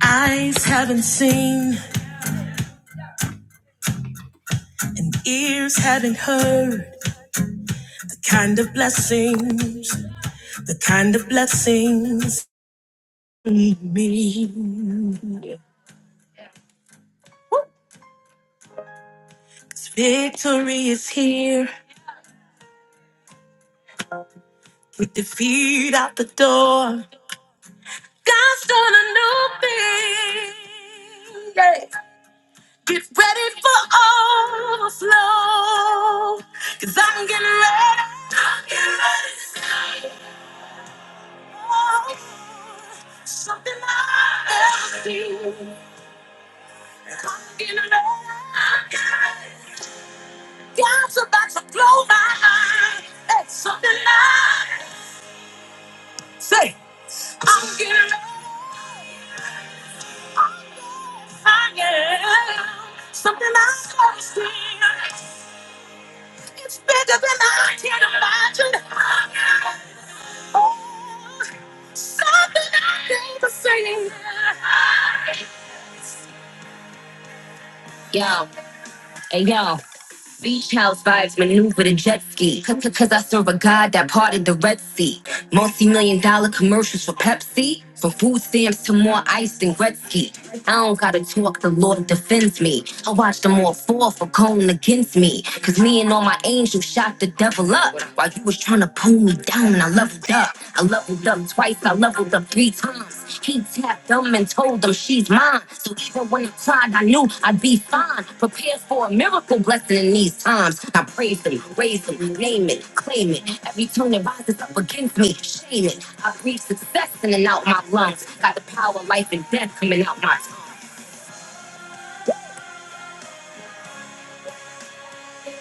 Eyes haven't seen and ears haven't heard the kind of blessings, the kind of blessings we mean. 'Cause victory is here with defeat out the door. God's done a new thing. Yeah. Get ready for overflow. Cause I'm getting ready. I'm getting ready. Something I feel coming along. God's about to blow my mind. It's something I say. I'm getting love. I'm getting I am. Something I've never seen. It's bigger than I can imagine. Oh, something I never seen. Yeah. Hey yo, beach house vibes maneuver the jet ski. Cause, cause 'cause I serve a god that parted the Red Sea. Multi million dollar commercials for Pepsi. From food stamps to more ice than Gretzky. I don't gotta talk, the Lord defends me. I watch them all fall for going against me. Cause me and all my angels shot the devil up. While you was trying to pull me down, I love leveled up. I leveled up twice, I leveled up three times. He tapped them and told them she's mine. So even when I cried, I knew I'd be fine. Prepared for a miracle blessing in these times. I praise him, raise him, name it, claim it. Every tune that rises up against me, shame it. I breathe success in and out my lungs. Got the power of life and death coming out my tongue.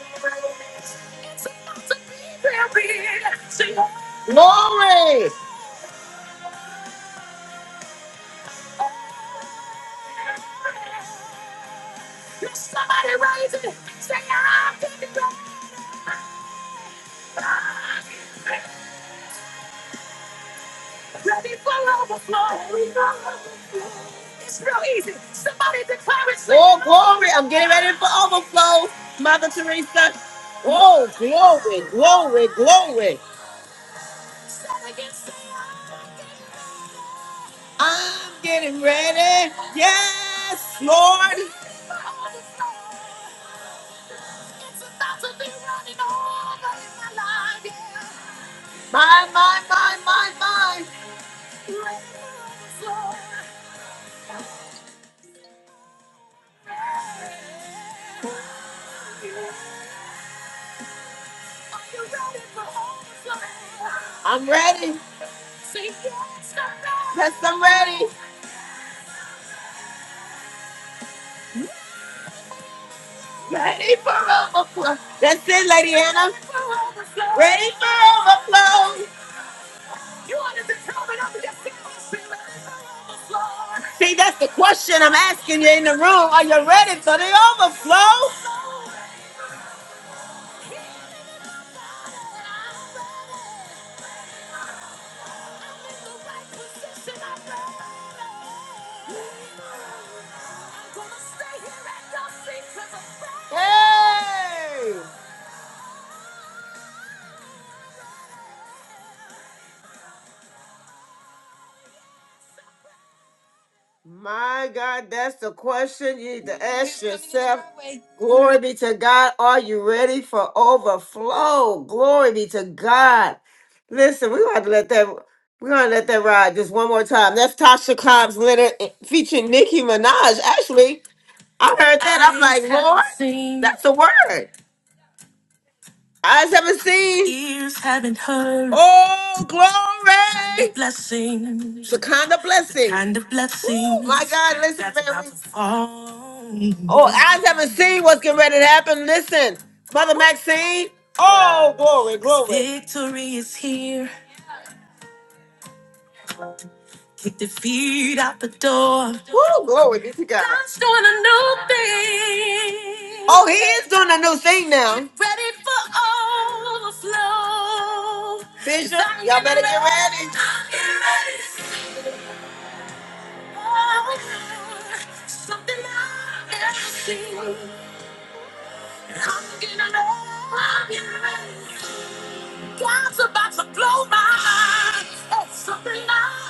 It's about to be, baby. Glory! Somebody raise it. Say, I'm ready for overflow. It's real easy. Somebody declare it. Oh, glory. I'm getting ready for overflow, Mother Teresa. Oh, glory, glory, glory. I'm getting ready. Yes, Lord. My, my, my, my, my. Are you ready for overflow? I'm ready. Say yes, I'm ready. Yes, I'm ready. Ready for That's it, Lady Anna. Ready for overflow. Ready for overflow. See, that's the question I'm asking you in the room. Are you ready for the overflow? Hey! My God, that's the question you need to ask yourself. Glory be to God. Are you ready for overflow? Glory be to God. Listen, we want to let that we want to let that ride just one more time. That's Tasha Cobbs Leonard featuring Nicki Minaj. Actually, I heard that. I'm like, Lord, that's the word. Eyes haven't seen. Ears haven't heard Oh, glory. The blessings, The kind of blessings. the blessing. kind of Woo, my God, listen, that's about Mary. to fall. Oh, eyes haven't seen what's getting ready to happen. Listen, Mother Maxine. Oh, glory, glory. Victory is here. Kick the feet out the door. Woo, glory be to God. God's doing a new thing. Oh, he is doing a new thing now. Get ready for overflow. Bishop, y'all better get ready. Get ready. Oh, Something I've never seen. I'm getting ready. God's about to blow my mind. It's something I've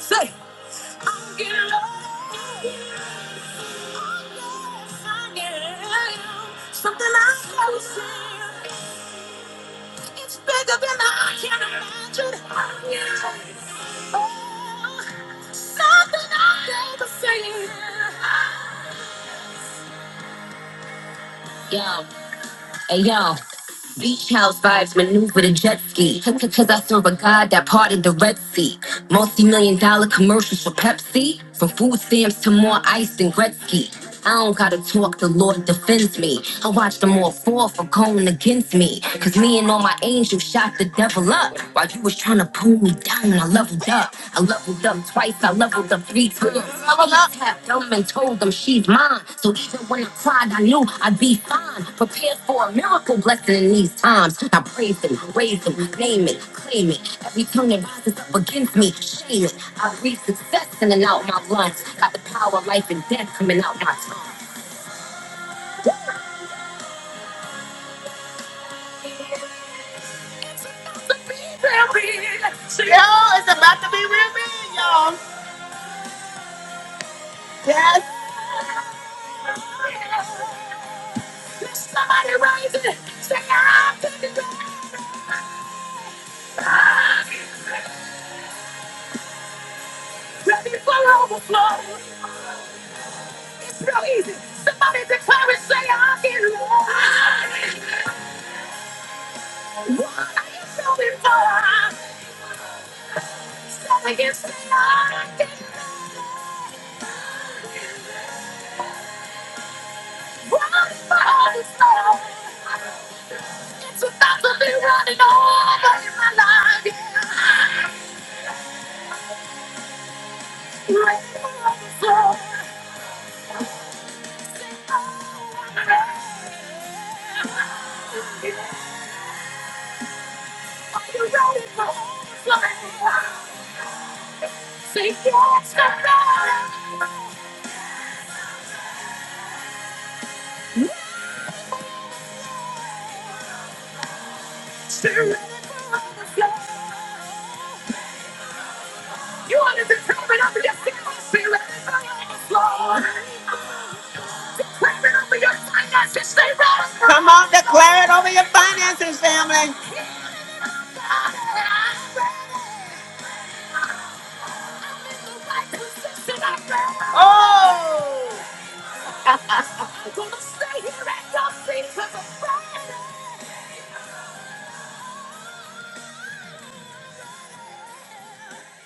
Say, I'm getting low. I guess I am. Something I have never seen. It's bigger than I can imagine. I guess. Oh, something I have never seen. Yeah. Hey yo, beach house vibes maneuver with a jet ski. Cause cause I serve a god that parted the Red Sea. Multi million dollar commercials for Pepsi. From food stamps to more ice than Gretzky. I don't gotta talk, the Lord defends me. I watch them all fall for going against me. Cause me and all my angels shot the devil up. While you was trying to pull me down, I love leveled up. I leveled up twice, I leveled up three times. I love half dumb and told them she's mine. So even when I cried, I knew I'd be fine. Prepared for a miracle blessing in these times. I praise him, raise him, name it, claim it. Every tongue that rises up against me, shame it. I breathe success in and out my lungs. Got the power of life and death coming out my tongue. Yo, it's about to be real big, y'all. Yes, somebody rising. Say, I'm ready for overflow. It's real easy. Somebody declare and say, I can run. What are you going for? Somebody can say, I can run for the storm. It's about to be running over in my life. Yeah. Rain for the storm. Are you ready for the overflow? Say yes to God. You want to determine up your feelings. Be ready for the overflow. Claim it over your finances, they rise. Come on, declare it over your finances, family. Oh! Don't stay here at your feet.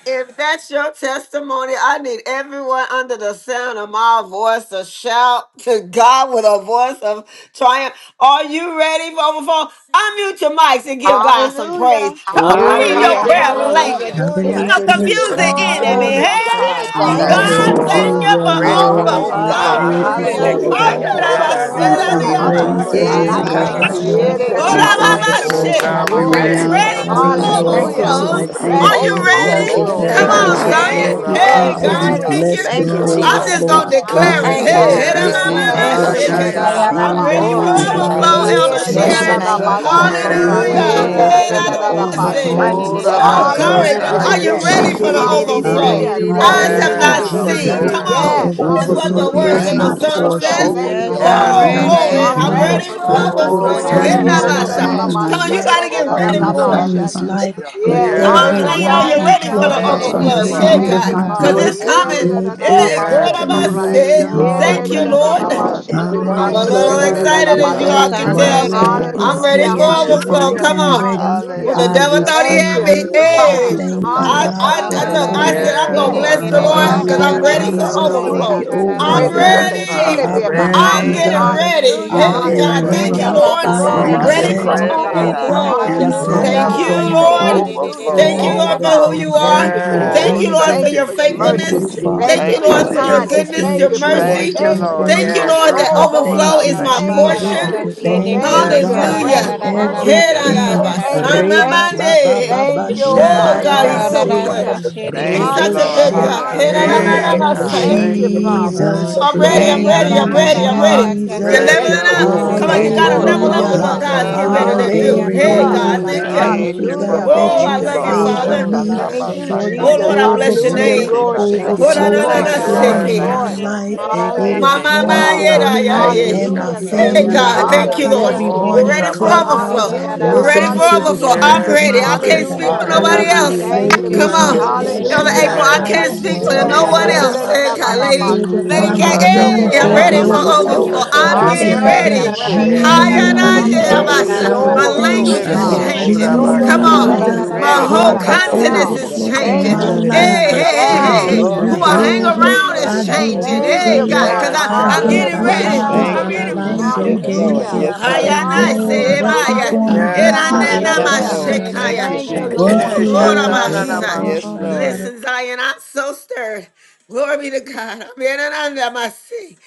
If that's your testimony, I need everyone under the sound of my voice to shout to God with a voice of triumph. Are you ready, Mama Phone? Unmute your mics and give God some Hallelujah. praise. Come on, pray in Hallelujah. Glory, your Hallelujah. prayer ready language. hallelujah. Come Hallelujah. Thank on, Thank you, you, confuse the Jesus. Glory enemy. Jesus. Hallelujah. to Holy I'm is your ready God. name. for Hey, Hallelujah. the Thank you, Yes, God, Hallelujah. overflow. thank Jesus. Lord. you Glory Hallelujah. I'm to for Hallelujah, Your ready for God. Lord. word Yes, to I Hallelujah. I overflow, I'm God. overflow. ready Hallelujah. thank for you, God. decree for the and overflow, Father Hallelujah. declare Hallelujah. overflow. the Thank oh you, God. God. I'm Jesus. ready Yes, overflow. I Shandari for I the Thank Ramasanda Ha. told am Koro her you, Hallelujah. about ready abundance, Hallelujah. oh Shande for Praise Thank Jesus. you, shit. God. Yeah, my Rabasanda I Him. it Rabo, my da da thank Jesus. da, God. all overflow. you. Thank you, In Mikabashanda. Akoro My sides. the Jesus. name God of Bless overflow Shandari Oh, is your God, we Jesus, Koro name. ready, I happening Glory ready to Hallelujah. your now for decree Ready the and name, Shande for I'm for me, ready declare Jesus. for the overflow, the Lord. Hallelujah. Thank you, Hallelujah. overflow. I'm Glory I Father. overflow? overflow, Jesus. to your ready Ready Are Father thank for you you, name. the Sikoro God. Overflow, ready? Jesus, Hallelujah. Thank for overflow. you, the Come Shande Thank you, overflow, Yes, on, oh, Ikoro Jesus. Zion. Ready, thank overflow. told overflow. her you, Hallelujah. Ha I'm ready, Shande Thank Hey, about you, I'll ready our God, shanda be Jesus. for the ready. thank seek, Jesus. bari you. blessed it eke Thank with Thank you, da you, overflow. da Iroro Glory of buto to I'm our Lord. just Jesus. kanda overflow. gonna God. Hallelujah. la Shande declare it. sata. Thank you, Hallelujah. Hey, Overflow Hallelujah. hey, da, is ma, Jesus. Yes, Eke my Yeah. Yes, Thank ma, ma, Thank you, Yeah. I ah, busha you, da, da, shake am yeah, da, portion da, kanda it. ready yeah, Jesus. da, Jesus. la for da, the I'm heart in ba, the of ready sata. for all Glory overflow. to shanda. Thank I mighty you, your The name, thank overflow, name Father. you, blood, of the Yeah. Elder Jesus. da, Father da, Thank blood, Bless da, you, your the da, Sharon. Jesus. da, name, ba, blood God. of I shanda, God. go, You're God. Jesus. thank you, rush. Hallelujah. Yes, Hallelujah. holy, Yeah, Hey, Lord, God. God. da, Hallelujah. da, Hey, for da, yes, da, da, the da, da, Lord. da, I da, Thank ba, You're you, say. praise shanda. overflow. Oh, you. righteous, da the Yes, Jesus. I Oh, God. Yes, Holy Lord. bless Thank glory. you, Thank the gl- you, Are Hallelujah. God. Thank Lord you you. Father. Thank for basata, the ready we you. for the so. to. overflow. Thank overflow? Hallelujah. you, for I Hallelujah. Thank Eyes Father. Thank you, have Thank you, not you Hallelujah. God. Yes, I'm for the Yanda Jesus, seen. May ready Rabo, Come for the Father that overflow. on. Yes, the yes. It's overflow, what overflow overflow the Hallelujah Father hallelujah, words is into God. of the Thank my us. you song for Ramasanda the hallelujah. portion. says. Thank you, overflow, I Lord. Father. Yes, Oh, thank glory. you, Hallelujah. Thank I'm you I'm ready Glory for God, ready the for to for the that God. overflow. Rabo, overflow, Oh, overflow. God. yes, Here overflowing now, is Yanda my glory. Hallelujah. son. Rabo, happening in Thank my you Come on, for you Hallelujah. the got life, to get Ramasanda in ready my overflow. for it. Hallelujah. family's Yedididididabashidididididabashanda. life, Hallelujah. Masatabasake. and Thank Yes, you, Come on, so Yes, you hallelujah, Jesus. know everyone God. you're in ready hallelujah, for the Clubhouse Thank from hallelujah. you, the overflow. Here, Father. sound Thank Adabasekete. of you, God, my Mm, because Father. Rabo, Glory, it's voice. Thank you, coming. glory, Thank It Jesus. is Hey, Yanda good Yes, about happening God. Yedididididabashididididabashanda. right Thank you, say. now glory. for Lord. Thank you, Thank you, Lord. me, for Lord. Thank you, everyone I'm in a Father, Lord. Hallelujah. little Clubhouse. thank Yes, excited, The as you, you Lord all God. Yedidididididabashidididididabashanda. can Thank In God. the tell. Yes, overflow God. name I'm Thank is of you, Hallelujah, ready for here. Jesus. Jesus. Yanda Rabo, overflow. I Yanda Ikasatamamawabisekete. hallelujah, Come am on. Rabo, Yanda Rabo, ready. When Yes, hallelujah. the I Father. devil Hallelujah. thought he Thank Thank Yanda had receive you, you. me, it. Yeah. Jesus. I Thank you, hey, thank you, I, Jesus. God, I, for Hallelujah. I the you. look, Hoshokanabashaka. I said, I'm going to Yes, overflow. Yes, Oh bless the Lord, Lord I I'm Hallelujah. Thank because you, going to I'm thank you, bless ready ataboshatama. the for Lord thank at Jesus, you, all for the thank overflow. times. you. And his I'm Yes. praises shall overflow. yes, ready. continually Father. I In be in the my thank mouth. Ready, I'm you, Hallelujah. name getting Lord. of God. Rabo, ready. Hallelujah. I Ready Hey, to Jesus, Yanda thank God, am you Yes, thank for you, the Hallelujah. ready. God. overflow. Lord. I Lord. overflow. Glory am I to your Ready for name, set. Hallelujah. Ikatamama. declare oh it Rabo, and God. And I I overflow. decree am Yes, it. Ready The Lord. going Thank to you, Hallelujah. for Thank my you. overflow. overflow, Lord. Idabushas. Hallelujah. overflow Yes, Thank overflow, you, Thank yes, you, Lord, Lord. for moment. who overflow. Father. you Glory to Thank are. you Thank for your you, God. Thank Oh, you, goodness. Yes. Lord, for Thank thank Jesus. you your you, for your Jesus. Thank mercy. Thank you, faithfulness. Yes, you, Father Thank Thank you Jesus. you, God, for Thank you, your Lord, for for your Jesus. kindness. everything goodness, Thank your you that for you your Thank are mercy. you, Thank you, doing for faithfulness Lord. Jesus. me. Thank You you, are as we Yes, Lord, God. that worthy, all I hold a Lord. overflow thank I flow. you, is my Hallelujah thank you Thank for you, the Jesus. Thank God. portion. Lord. you, overflow. Lord. Thank you, Thank Yes, Yes, Lord. you. God, God. Yes, Brand for Hallelujah. new Lord. Oh, mercies yes, today, Oh, everything. God. Hallelujah. Lord. Amen. Thank Thank you. Thank you, Thank Ayababa you, Jesus. Thank Reba you. ba Jesus. you. ba ba ba Thank you, oh God. shambara Yes, Glory, God, he's Kokoro God. so glory, baseya Hallelujah. good. shande si He's Thank you, glory, such a Lord. ikoro good Hallelujah. glory. roboshe. God. Hallelujah. shande ro Thank Hallelujah. koro Hey, Hallelujah. Thank you, you, Thank God, shande. Jesus. Thank Oh, you, thank you, Father. Jesus. Jesus. Glory, I'm ready. glory. I'm Thank Thank you, ready. Arero you, I'm Jesus. ready. Hallelujah. I'm shande Ah. ready. si Hallelujah. You're koro Jesus. Thank Ready, Ready you, leveling for I'm the up. shande. Oh, ready, Come on, Jesus. overflow. you thank Lord. you got to for Glory the level to up the for Hallelujah. what God. overflow. God's God, getting Iroro I'm ready Hallelujah. to a you. do. sick, Glory, shande it's Hey, a Hallelujah. koro God, Hallelujah. glory. man. thank shande. you. Thank Thank you, you for Hallelujah. Hallelujah. God, the Oh, that Thank I you you, love you, overflow. Nikaba Father. favor Oh, Father. me shandaba Jesus. Thank you, yes. for seke. your Oh, Hoshakanabasaka. Thank Jesus. Lord, you, I my bless your Yes, God. Hallelujah. overflow. name. God. Ike Rokobo Glory to Ay, your you, Oh, name. ba na, bashata. Thank Jesus. Overflow na, ba you, na, ba is Thank Glory, na, shandarababa you, ba ra ra Jesus. flowing Lord. glory, shake ra Yes, in ke sanda. Thank my you, glory. it. ke Hallelujah. God. re Lord. life. re ra ra It ra Ike is My, ba Ekaba my, flowing my, Oh, Hallelujah. shanda. Yes, for yeah, shakata. da, God, God. me yeah, thank Thank In you, yeah. the you, and my Lord. God. Hallelujah. name Hallelujah. Thank of Thank Thank you, Hey, ra family you, ra ra God. Lord. ba and Jesus. Thank ra Father. you, ra ke Lord. Thank Arero ke you. We're everyone Oh, Oh, re in ready the for ke shande re ro glory. re Clubhouse re overflow. koro ra bachata. ra Hallelujah. We're ba ready shande. listening Hallelujah. for to the overflow. Hallelujah. sound I'm of Yes, ready. my we're I Thank you, can't ready, Iroro voice. speak we're for Hallelujah. ha Father. Hallelujah. ready, ba nobody shande ba we're ra re else. re ready. Thank Thank koro you Overflow you, Thank ke you, for Come is the re Lord. my overflow. on. shande re re Jesus. re re si Elder ra portion. ra Hallelujah. April, ra koro I ra I ba can't Yes. shande ke speak am re for Glory, si. re ready, Yeah, no ra Hey, Nobody- ra one yeah, ba Father da, glory. da, else. da, God. Hey, da, Thank you. da, God, I Katabaya. da, ba, lady. sha, da, go, Lady glorify Thank K, da, your Hallelujah. ra sha, ra Happy da, name ra hey, Hallelujah. way, da, ba I'm da, for God. Thank da, Thank you, the da, ready Katabobo, ra you for ba, for Jesus. the ke sha, re overflow. re da. overflow. name you, re Shakatabaya. overflow. I re I'm I of ke I'm Thank you, getting re thank Jesus. Jesus. declare ready. re and you, I'm ra ready. Father. ra ra decree. re I ready. re I'm ra Yes, your am ra ba Jesus. ready God. I'm for leading. ke re ready Oh, Irko Jesus. re for ra the Hayanayabasa. ra yes, overflow. ba I My Lord. shande I'm thank overflow, oh language She ready I'm is siro you, think for the God. getting thank Oh, ready you, changing. koro for the No overflow. more Jesus. Come shande ra ra on. bachata. delay I'm overflow. ra Jesus, ra re My re ready now, re for but whole re for Hallelujah. the I'm the ra ra koro ba overflow continent down. in the is ke overflow shande re re re in ra name Thank changing. ra my of koro you. ra ra life. shande Jesus. Hey, ra hey, Hallelujah, ra I ba si. hey, give I you ke hey, re hey. Jesus. Down. give re you ra Who glory, Thank ba you, I honor, hang and God. glory. around Hallelujah. praises. Ready is I Hallelujah. for give changing. you Thank Hey, Hallelujah. you, Hallelujah. overflow. God, praise. Thank ha because Father. you, Yes, ba I ba Jesus. I'm ra God. give ra getting you ra Yes, ra God, ready. ra honor. Hallelujah. I'm Thank you, ke ready. re re Jesus. Thank re you, Thank Yes, glory re Mm. to Ekabashanarabaseke, your re Lord. ra Hallelujah. Jesus, ra Yes, name, ba that Lord. Jesus. Yes, Hayana no Lord. Hallelujah. Yes, weapon Semaya Lord. formed ekoboshananamasa, you. Hallelujah. Yes, against Glory me God. shall Eranena Alamararara Yes, to your Hallelujah. name, prosper. Lord. Jesus. kashere re Thank Mashekaya. you, Thank you, Jesus. ekadanabanabashate, Thank Woo, Lord. you, Thank Lord. you, you. Shatana Jesus. Lorabasa. Yes, Hallelujah. Lord. namasia. ekoboshanara- Listen, Zion, I'm so stirred. Glory be to God. I'm in and under my seat.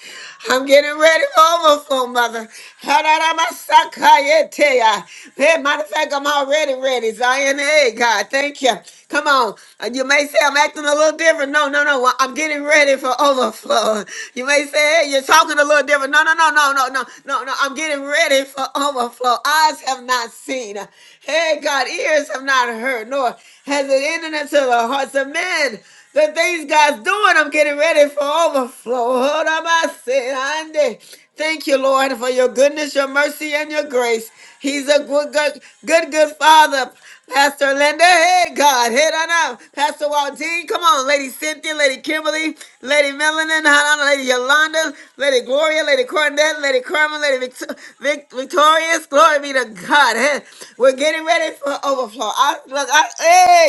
I'm getting ready for overflow, mother. Hararamasakayeteya. Hey, matter of fact, I'm already ready. Zion, hey, God, thank you. Come on. Uh, You may say I'm acting a little different. No, no, no. Well, I'm getting ready for overflow. You may say, hey, you're talking a little different. No, no, no, no, no, no, no, no. I'm getting ready for overflow. Eyes have not seen. Hey, God, ears have not heard, nor has it entered into the hearts of men. The things God's doing, I'm getting ready for overflow. Hold on, I said, Andy. Thank you, Lord, for your goodness, your mercy, and your grace. He's a good, good, good, good father. Pastor Linda, hey God, head on up. Pastor Waldine, come on, Lady Cynthia, Lady Kimberly, Lady Melanin, Hannah, Lady Yolanda, Lady Gloria, Lady Cornette, Lady Carmen, Lady Vict- Vic- Victorious. Glory be to God. Hey, We're getting ready for overflow. I, look, I,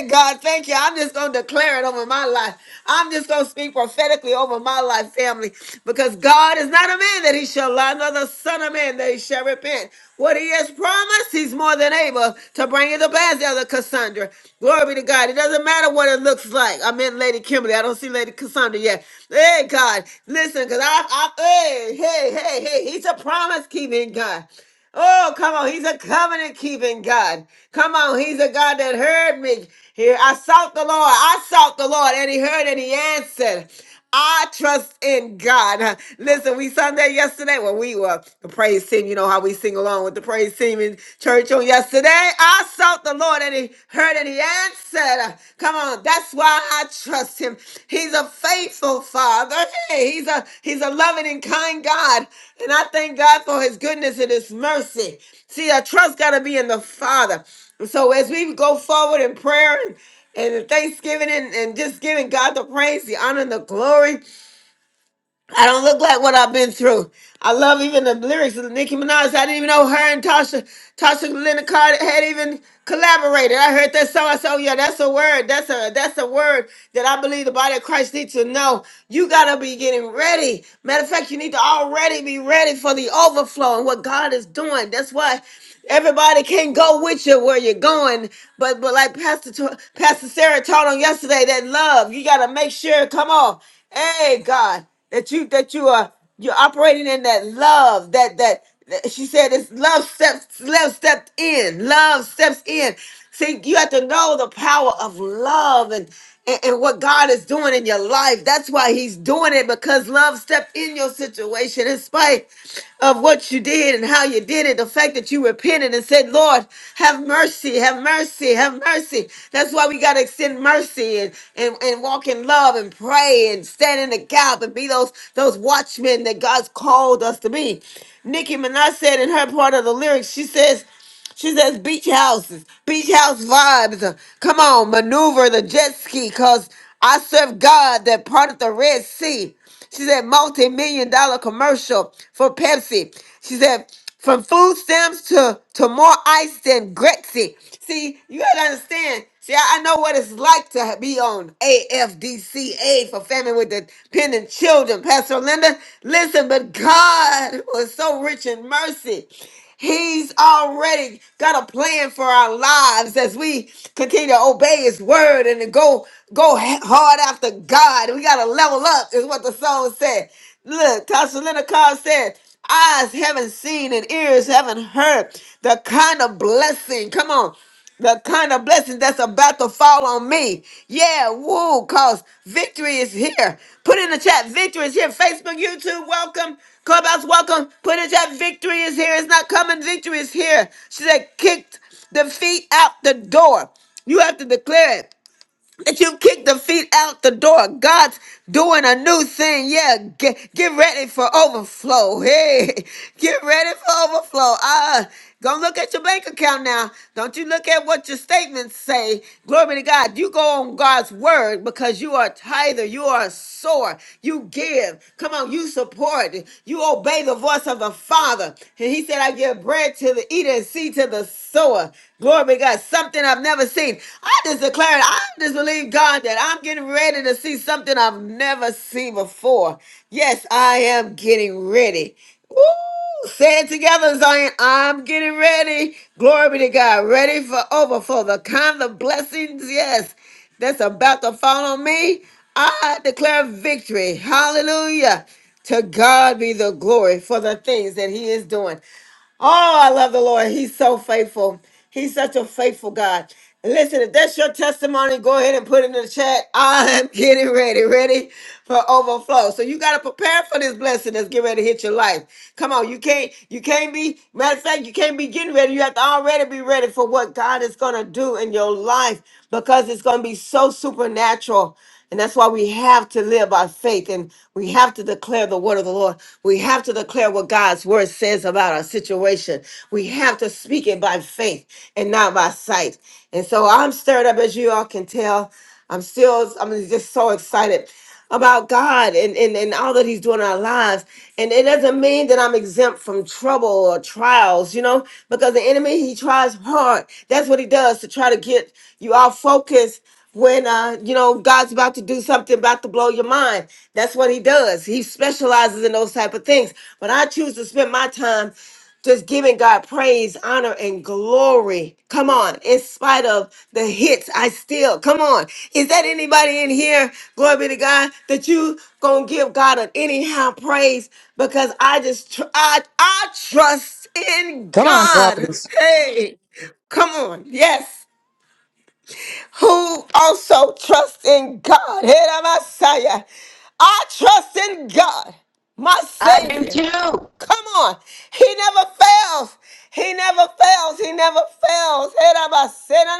hey God, thank you. I'm just gonna declare it over my life. I'm just gonna speak prophetically over my life, family, because God is not a man that he shall lie, nor the son of man that he shall repent. What he has promised, he's more than able to bring it to pass, Elder Cassandra. Glory be to God. It doesn't matter what it looks like. I meant Lady Kimberly. I don't see Lady Cassandra yet. Hey, God. Listen, because I, I, hey, hey, hey, hey, he's a promise keeping God. Oh, come on. He's a covenant keeping God. Come on. He's a God that heard me. Here, I sought the Lord. I sought the Lord and he heard and he answered. I trust in God. Listen, we sung that yesterday. Well, we were the praise team. You know how we sing along with the praise team in church on yesterday. I sought the Lord and he heard and he answered. Come on, that's why I trust him. He's a faithful father. Hey, he's a he's a loving and kind God. And I thank God for his goodness and his mercy. See, our trust gotta be in the Father. So as we go forward in prayer and and the thanksgiving and, and just giving God the praise, the honor, and the glory. I don't look like what I've been through. I love even the lyrics of Nicki Minaj. I didn't even know her and Tasha, Tasha Linda Carter had even collaborated. I heard that song. I said, "Oh yeah, that's a word. That's a that's a word that I believe the body of Christ needs to know. You gotta be getting ready. Matter of fact, you need to already be ready for the overflow and what God is doing. That's why everybody can not go with you where you're going. But but like Pastor T- Pastor Sarah taught on yesterday, that love you gotta make sure. Come on, hey God that you that you are you're operating in that love that that, that she said it's love steps love stepped in love steps in see you have to know the power of love and and, and what god is doing in your life that's why he's doing it because love stepped in your situation in spite of what you did and how you did it, the fact that you repented and said, Lord, have mercy, have mercy, have mercy. That's why we got to extend mercy and, and, and walk in love and pray and stand in the gap and be those, those watchmen that God's called us to be. Nicki Minaj said in her part of the lyrics, she says, she says beach houses, beach house vibes. Come on, maneuver the jet ski, cause I serve God that part of the Red Sea. She said multi-million dollar commercial for Pepsi. She said from food stamps to, to more ice than Grexy. See, you gotta understand. See, I, I know what it's like to ha- be on AFDCA for family with dependent children. Pastor Linda, listen, but God was so rich in mercy. He's already got a plan for our lives as we continue to obey his word and to go go ha- hard after God. We gotta level up, is what the song said. Look, Tasha Leonard Carr said, eyes haven't seen and ears haven't heard the kind of blessing. Come on the kind of blessing that's about to fall on me. Yeah, woo, cause victory is here. Put in the chat, victory is here. Facebook, YouTube, welcome. Clubhouse, welcome. Put in the chat, victory is here. It's not coming, victory is here. She said, kicked the feet out the door. You have to declare it that you kick the feet out the door. God's doing a new thing. Yeah, get, get ready for overflow. Hey, get ready for overflow. Uh, gonna look at your bank account now. Don't you look at what your statements say. Glory to God. You go on God's word because you are a tither. You are a sower. You give. Come on, you support. You obey the voice of the Father. And he said, I give bread to the eater and seed to the sower. Glory to God. Something I've never seen. I just declare it. I just believe God that I'm getting ready to see something I've never seen before. Yes, I am getting ready. Woo! Say it together, Zion. I'm getting ready. Glory be to God. Ready for overflow. The kind of blessings, yes, that's about to fall on me. I declare victory. Hallelujah. To God be the glory for the things that He is doing. Oh, I love the Lord. He's so faithful. He's such a faithful God. Listen, if that's your testimony, go ahead and put it in the chat. I am getting ready, ready for overflow. So you got to prepare for this blessing that's getting ready to hit your life. Come on, you can't, you can't be. Matter of fact, you can't be getting ready. You have to already be ready for what God is gonna do in your life because it's gonna be so supernatural. And that's why we have to live by faith and we have to declare the word of the Lord. We have to declare what God's word says about our situation. We have to speak it by faith and not by sight. And so I'm stirred up as you all can tell. I'm still I'm just so excited about God and, and, and all that He's doing in our lives. And it doesn't mean that I'm exempt from trouble or trials, you know, because the enemy, he tries hard. That's what he does to try to get you off focus when uh you know god's about to do something about to blow your mind that's what he does he specializes in those type of things but i choose to spend my time just giving God praise, honor, and glory. Come on, in spite of the hits, I still come on. Is that anybody in here? Glory be to God that you gonna give God an anyhow praise because I just tr- I I trust in Come on, God. prophetess. Hey, come on, yes. Who also trusts in God? Hey, Messiah. I trust in God, my I do Savior. too. Come on. He never fails. He never fails. He never fails. Head of my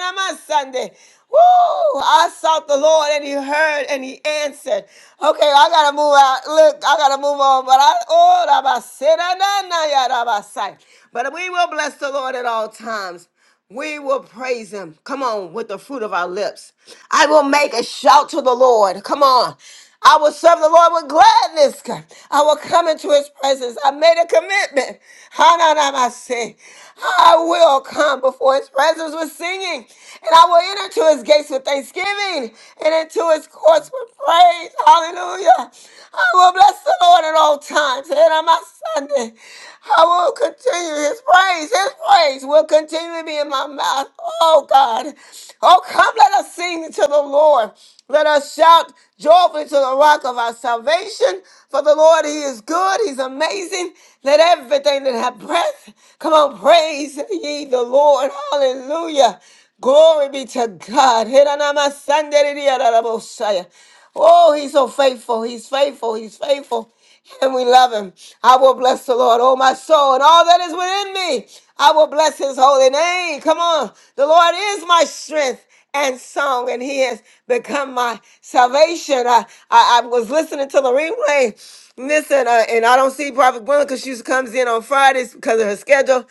on my Sunday. Woo! I sought the Lord and he heard and he answered. Okay, I gotta move out. Look, I gotta move on. But I oh rabba sin and on, that, nah, yeah, rabba sight. But we will bless the Lord at all times. We will praise him. Come on, with the fruit of our lips. I will make a shout to the Lord. Come on. I will serve the Lord with gladness. I will come into his presence. I made a commitment. Hananamase. I will come before his presence with singing. And I will enter into his gates with thanksgiving and into his courts with praise. Hallelujah. I will bless the Lord at all times. And on my Sunday, I will continue his praise. His praise praise will continue to be in my mouth. Oh God. Oh, come, let us sing to the Lord. Let us shout joyfully to the rock of our salvation. For the Lord, He is good. He's amazing. Let everything that hath breath come on, praise ye the Lord. Hallelujah. Glory be to God. Oh, He's so faithful. He's faithful. He's faithful and we love him. I will bless the Lord, oh my soul, and all that is within me. I will bless his holy name. Come on. The Lord is my strength and song, and he has become my salvation. I, I, I was listening to the replay. Listen, uh, and I don't see Prophet Gwendolyn because she comes in on Fridays because of her schedule.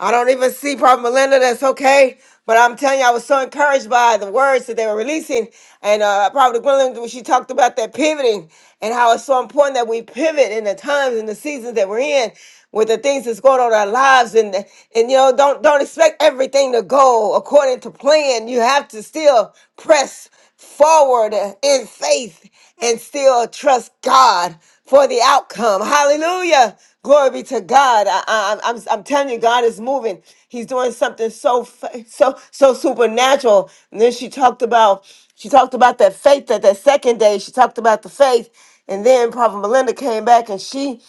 I don't even see Prophet Melinda. That's okay. But I'm telling you, I was so encouraged by the words that they were releasing. And uh, Prophet Gwendolyn, when she talked about that pivoting and how it's so important that we pivot in the times and the seasons that we're in with the things that's going on in our lives. And, and you know, don't, don't expect everything to go according to plan. You have to still press forward in faith and still trust God for the outcome. Hallelujah. Glory be to God. I, am I'm I'm I'm telling you, God is moving. He's doing something so fa- so so supernatural. And then she talked about she talked about that faith that that second day. She talked about the faith, and then Prophet Melinda came back and she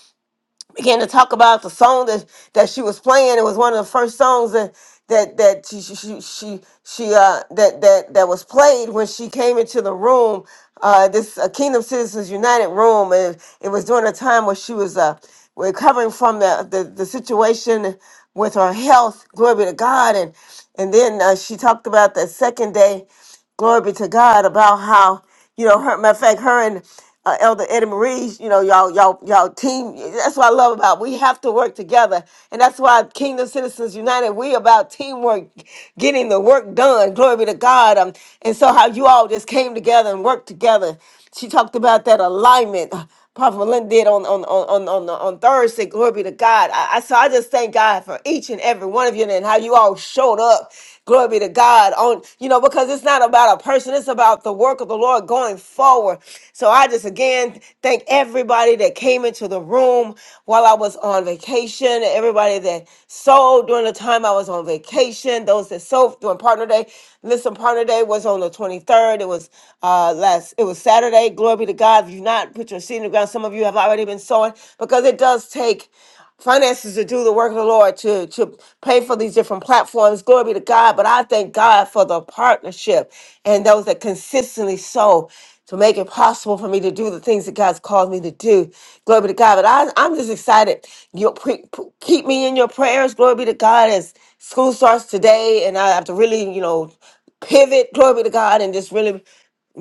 began to talk about the song that that she was playing. It was one of the first songs that that that she she she, she she, uh that that that was played when she came into the room. Uh, this uh, Kingdom Citizens United room, and it was during a time where she was uh recovering from the the, the situation with her health. Glory be to God, and and then uh, she talked about that second day glory be to God about how you know her. Matter of fact, her and uh, Elder Eddie Marie, you know, y'all, y'all, y'all team. That's what I love about. We have to work together, and that's why Kingdom Citizens United. We about teamwork, getting the work done. Glory be to God. Um, and so how you all just came together and worked together. She talked about that alignment. uh, Prophet Melinda did on on on on on, on Thursday. Glory be to God. I, I so I just thank God for each and every one of you and how you all showed up Glory be to God. On you know, because it's not about a person, it's about the work of the Lord going forward. So I just again thank everybody that came into the room while I was on vacation, everybody that sold during the time I was on vacation, those that sold during partner day. Listen, partner day was on the 23rd. It was uh last it was Saturday. Glory be to God. If you've not put your seed in the ground, some of you have already been sowing because it does take finances to do the work of the Lord to to pay for these different platforms. Glory be to God. But I thank God for the partnership and those that consistently sow to make it possible for me to do the things that God's called me to do. Glory be to God. But I, I'm just excited. You pre- p- keep me in your prayers. Glory be to God as school starts today, and I have to really, you know, pivot. Glory be to God, and just really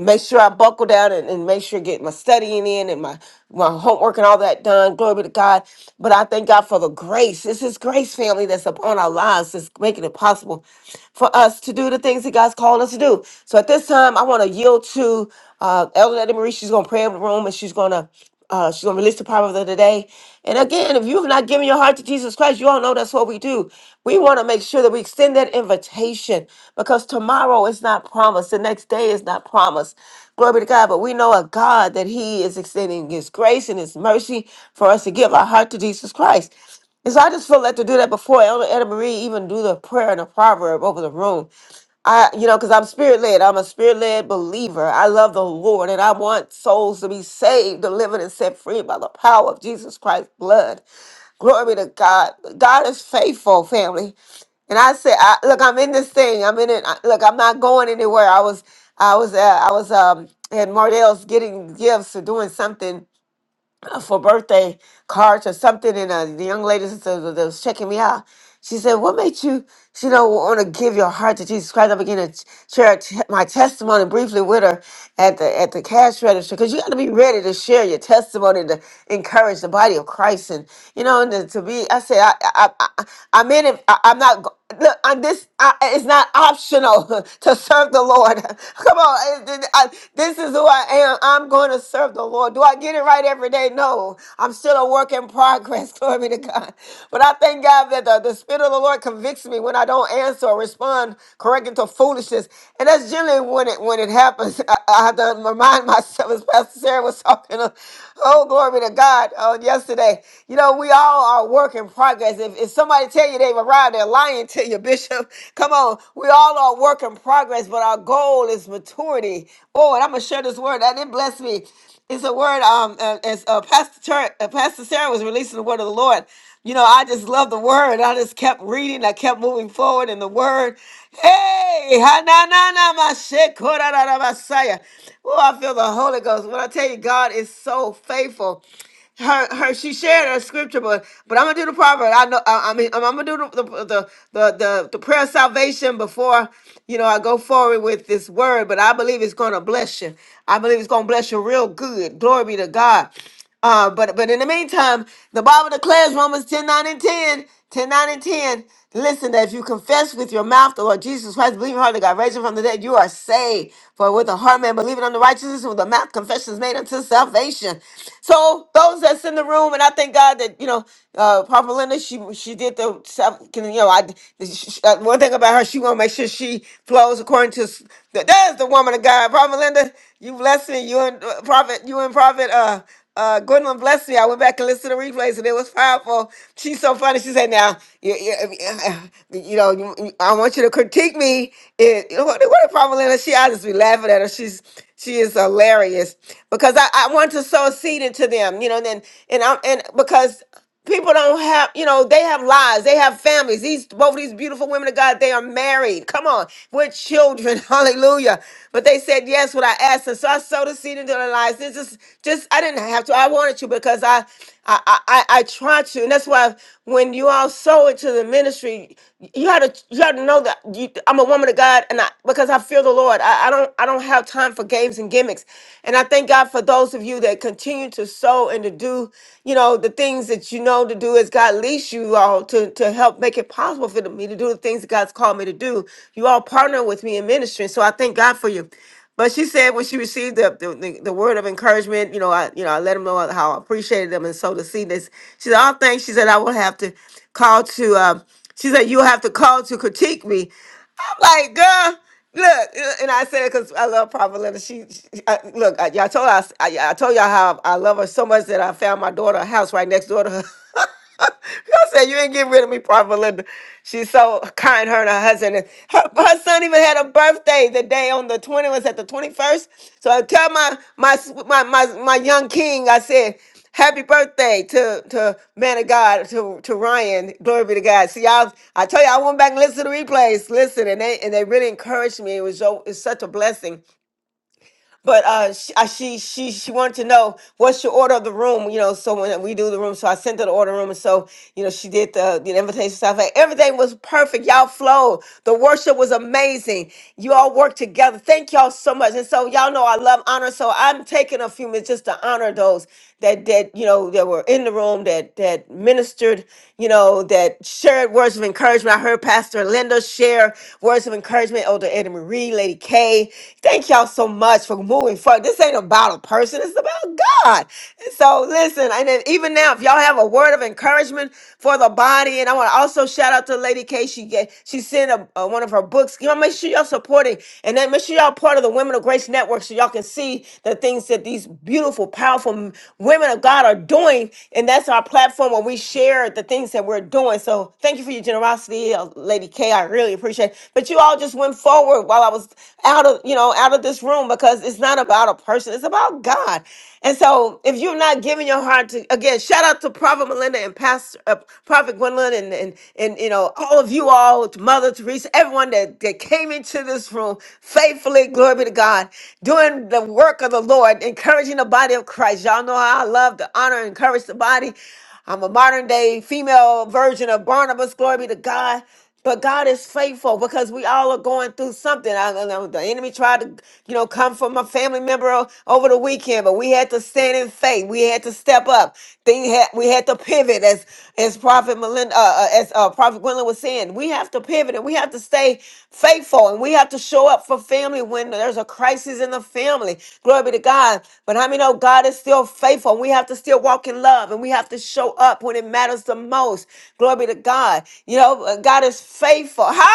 make sure I buckle down and, and make sure I get my studying in and my, my homework and all that done. Glory be to God. But I thank God for the grace. It's His grace family that's upon our lives that's making it possible for us to do the things that God's called us to do. So at this time, I want to yield to uh, Elder Eddie Marie. She's going to pray over the room and she's going to uh, she's gonna release the power of the today. And again, if you've not given your heart to Jesus Christ, you all know that's what we do. We want to make sure that we extend that invitation because tomorrow is not promised. The next day is not promised. Glory to God. But we know a God that He is extending His grace and His mercy for us to give our heart to Jesus Christ. And so I just feel led to do that before Elder Edna Marie even do the prayer and the proverb over the room. I, you know, because I'm spirit led. I'm a spirit led believer. I love the Lord and I want souls to be saved, delivered, and set free by the power of Jesus Christ's blood. Glory to God. God is faithful, family. And I said, I, look, I'm in this thing. I'm in it. I- Look, I'm not going anywhere. I was, I was, uh, I was um, at Mardell's getting gifts or doing something for birthday cards or something, and uh, the young lady that was that was checking me out, she said, "What made you, you know, want to give your heart to Jesus Christ?" I began to ch- share t- my testimony briefly with her at the at the cash register because you got to be ready to share your testimony to encourage the body of Christ, and you know, and to be. I said, I, I, I, I- I'm in it. I, I'm not. Look, and this I, it's not optional to serve the Lord. Come on, it- it- I- this is who I am. I'm going to serve the Lord. Do I get it right every day? No, I'm still a work in progress. Glory be to God. But I thank God that the, the Spirit of the Lord convicts me when I don't answer or respond correctly to foolishness, and that's generally when it when it happens. I, I have to remind myself, as Pastor Sarah was talking. uh, Oh, glory be to God. On yesterday, you know, we all are work work in progress. If, if somebody tell you they've arrived, they're lying to you, Bishop. Come on, we all are work in progress, but our goal is maturity. Oh, and I'm gonna share this word. That didn't bless me. It's a word. Um, uh, as uh, Pastor Ter- uh, Pastor Sarah was releasing the word of the Lord. You know, I just love the word. I just kept reading. I kept moving forward in the word. Hey, ha na na na ma she ko ra ra ra ma sa Oh, I feel the Holy Ghost. When I tell you, God is so faithful her her she shared her scripture but but i'm gonna do the proverb i know i, I mean i'm, I'm gonna do the the, the the the the prayer of salvation before you know i go forward with this word but i believe it's gonna bless you i believe it's gonna bless you real good glory be to god uh but but in the meantime the bible declares romans 10 9 and 10 10 nine, and 10 listen that if you confess with your mouth the lord jesus christ believe in your heart that god raised him from the dead you are saved for with the heart man believing on the righteousness and with the mouth confession is made unto of salvation. So those that's in the room, and I thank God that you know, uh, Papa Linda, she she did the self- can you know, I she, uh, one thing about her, she want to make sure she flows according to s- that is the woman of God, Papa Linda. You bless me, you and uh, Prophet, you and Prophet. Uh, uh, Gwendolyn, bless me. I went back and listened to the replays, and it was powerful. She's so funny. She said, "Now, you, you, you know, you, you- I want you to critique me." It, you know, what, what if Pamelina? She, I just be laughing at her. She's she is hilarious because I, I want to sow a seed into them, you know. And then and I'm and because People don't have, you know, they have lives, they have families. These both of these beautiful women of God, they are married. Come on, we're children, hallelujah. But they said yes when I asked them. So I sowed a seed into their lives. This is just I didn't have to. I wanted to because I I I, I I tried to. And that's why when you all sow it to the ministry, you had to you had to know that you, I'm a woman of God and I because I fear the Lord. I, I don't I don't have time for games and gimmicks. And I thank God for those of you that continue to sow and to do, you know, the things that you know to do as God leads you all to, to help make it possible for me to do the things that God's called me to do. You all partner with me in ministry. So I thank God for you. But she said when she received the, the, the, the word of encouragement, you know, I you know I let them know how I appreciated them and so to see this. She said, "Oh, thanks." She said, "I will have to call to." Uh, she said, "You'll have to call to critique me." like, girl, look, and I said because I love Prophet Linda. She, she I, look, I, all told us, I, I told y'all how I love her so much that I found my daughter a house right next door to her. I said, you ain't getting rid of me, Prophet Linda. She's so kind, her and her husband. And her, her son even had a birthday the day on the 20, was at the 21st. So I tell my, my, s- my, my, my young king, I said, Happy birthday to to man of God to to Ryan. Glory be to God. See, I I tell you, I went back and listened to the replays. Listen, and they and they really encouraged me. It was so it's such a blessing but uh, she, uh, she she she wanted to know what's your order of the room, you know. So when we do the room, so I sent her the order room, and so you know she did the the invitation stuff. Like, everything was perfect. Y'all flowed. The worship was amazing. You all worked together. Thank y'all so much. And so y'all know I love honor. So I'm taking a few minutes just to honor those that that you know that were in the room that that ministered, you know, that shared words of encouragement. I heard Pastor Linda share words of encouragement. Oh, Lady Marie, Lady K. Thank y'all so much for moving forward. This ain't about a person, it's about God. And so listen, and then even now, if y'all have a word of encouragement for the body, and I want to also shout out to Lady K. She get she sent a, a- one of her books. Y'all make sure y'all supporting, and then make sure y'all part of the Women of Grace Network so y'all can see the things that these beautiful, powerful m- women of God are doing. And that's our platform where we share the things that we're doing. So thank you for your generosity know, Lady K, I really appreciate. it. But you all just went forward while I was out of, you know, out of this room because it's not about a person, it's about God. And so if you're not giving your heart to again, shout out to Prophet Melinda and Pastor uh, Prophet Gwendolyn and, and and you know, all of you all, to Mother Teresa, everyone that, that came into this room faithfully, glory be to God, doing the work of the Lord, encouraging the body of Christ. Y'all know how I love to honor and encourage the body. I'm a modern day female version of Barnabas. Glory be to God. But God is faithful because we all are going through something. I, I know the enemy tried to, you know, come from a family member o- over the weekend, but we had to stand in faith. We had to step up. Thing had we had to pivot, as as Prophet Melinda, uh, uh, as uh, Prophet Gwendolyn was saying, we have to pivot and we have to stay faithful and we have to show up for family when there's a crisis in the family. Glory be to God. But how many know God is still? still faithful. We have to still walk in love and we have to show up when it matters the most. Glory be to God. You know, uh, God is faithful. Hallelujah.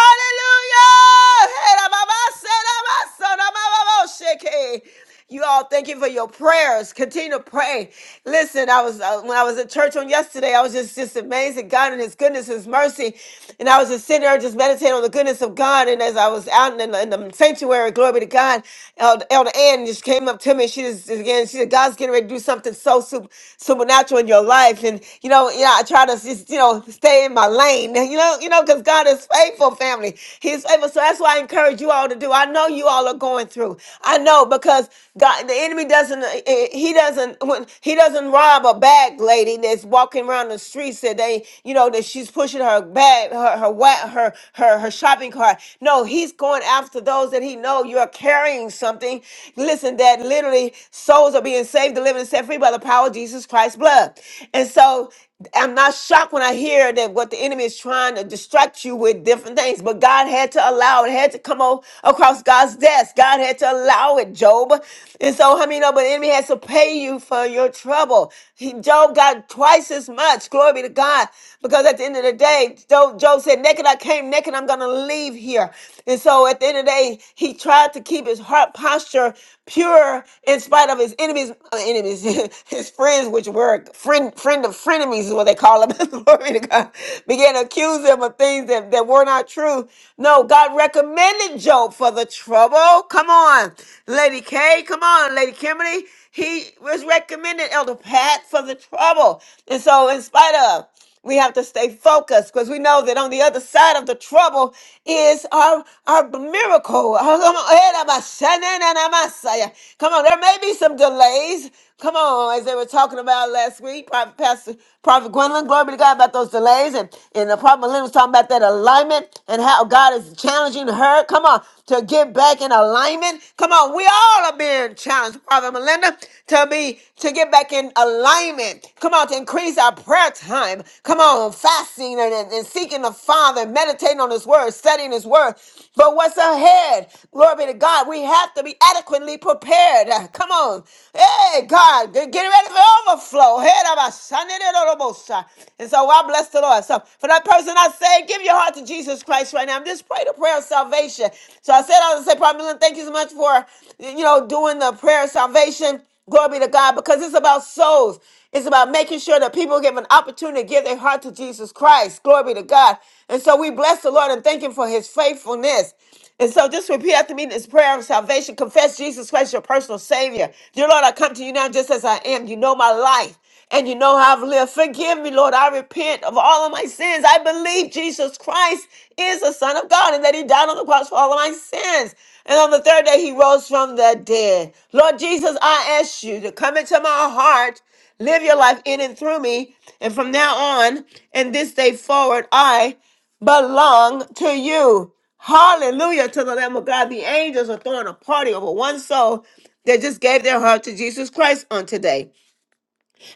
You all, thank you for your prayers. Continue to pray. Listen, I was uh, when I was at church on yesterday, I was just just amazed at God and His goodness, His mercy, and I was just sitting there just meditating on the goodness of God. And as I was out in the, in the sanctuary, glory be to God, Elder, the air and just came up to me. she just again, she said, God's getting ready to do something so super, supernatural in your life. And you know, yeah, I try to just you know stay in my lane. You know, you know, because God is faithful, family. He's faithful. So that's why I encourage you all to do. I know you all are going through. I know because God, the enemy doesn't. eh, eh, He doesn't. When he doesn't rob a bag lady that's walking around the streets that they, you know, that she's pushing her bag, her her wa- her her, her shopping cart. No, he's going. out after those that he know you are carrying something. Listen, that literally souls are being saved, delivered, and set free by the power of Jesus Christ's blood. And so I'm not shocked when I hear that what the enemy is trying to distract you with different things, but God had to allow it, had to come o- across God's desk. God had to allow it, Job. And so, how I many know, but the enemy has to pay you for your trouble. He- Job got twice as much. Glory be to God. Because at the end of the day, Job, Job said, Naked I came, naked I'm going to leave here. And so at the end of the day, he tried to keep his heart posture pure in spite of his enemies, uh, enemies, his friends, which were friend, friend of frenemies is what they call them. Glory to God. Began to accuse him of things that, that were not true. No, God recommended Job for the trouble. Come on, Lady K. Come on, Lady Kimberly. He was recommended Elder Pat for the trouble. And so, in spite of, we have to stay focused because we know that on the other side of the trouble is our, our miracle. Oh, Come on, Eh, da ba sha na na na ma sa ya. Come on, there may be some delays. Come on, as they were talking about last week, Prophet, Pastor, Prophet Gwendolyn, glory be to God about those delays. And, and the Prophet Lynn was talking about that alignment and how God is challenging her. Come on, to get back in alignment. Come on, we we all are being challenged, Father Melinda, to be to get back in alignment. Come on, to increase our prayer time. Come on, fasting and, and, and seeking the Father, meditating on His Word, studying His Word. But what's ahead? Glory be to God. We have to be adequately prepared. Uh, Come on, hey God, get get ready for overflow. Head of our son, and it all about, uh, and so I bless the Lord. So for that person I said, give your heart to Jesus Christ right now. Just pray the prayer of salvation. So I said, I was going to say, Prophet Millen, thank you so much for, you know, doing the prayer of salvation. Glory be to God, because it's about souls. It's about making sure that people give an opportunity to give their heart to Jesus Christ. Glory be to God. And so we bless the Lord and thank Him for His faithfulness. And so just repeat after me this prayer of salvation. Confess Jesus Christ, your personal Savior. Dear Lord, I come to you now just as I am. You know my life and you know how I've lived. Forgive me, Lord. I repent of all of my sins. I believe Jesus Christ is the Son of God and that He died on the cross for all of my sins. And on the third day, He rose from the dead. Lord Jesus, I ask you to come into my heart, live your life in and through me. And from now on and this day forward, I belong to you. Hallelujah to the Lamb of God. The angels are throwing a party over one soul that just gave their heart to Jesus Christ on today.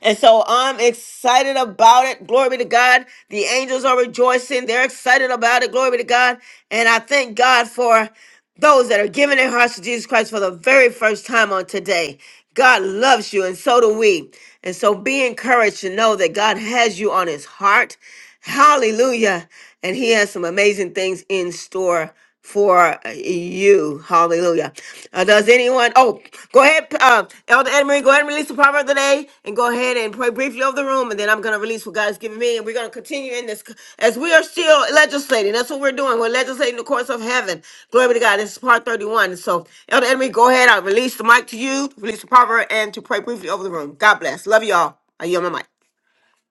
And so I'm excited about it. Glory be to God. The angels are rejoicing. They're excited about it. Glory be to God. And I thank God for those that are giving their hearts to Jesus Christ for the very first time on today. God loves you, and so do we. And so be encouraged to know that God has you on his heart. Hallelujah. And he has some amazing things in store for you. Hallelujah. Uh, does anyone? Oh, go ahead, uh, um, Elder Anna Marie, go ahead and release the proverb today and go ahead and pray briefly over the room, and then I'm going to release what God's given me, and we're going to continue in this as we are still legislating. That's what we're doing. We're legislating the courts of heaven. Glory be to God. This is part 31. So, Elder Anna Marie, go ahead. I'll release the mic to you, release the proverb, and to pray briefly over the room. God bless. Love y'all. I yield my mic.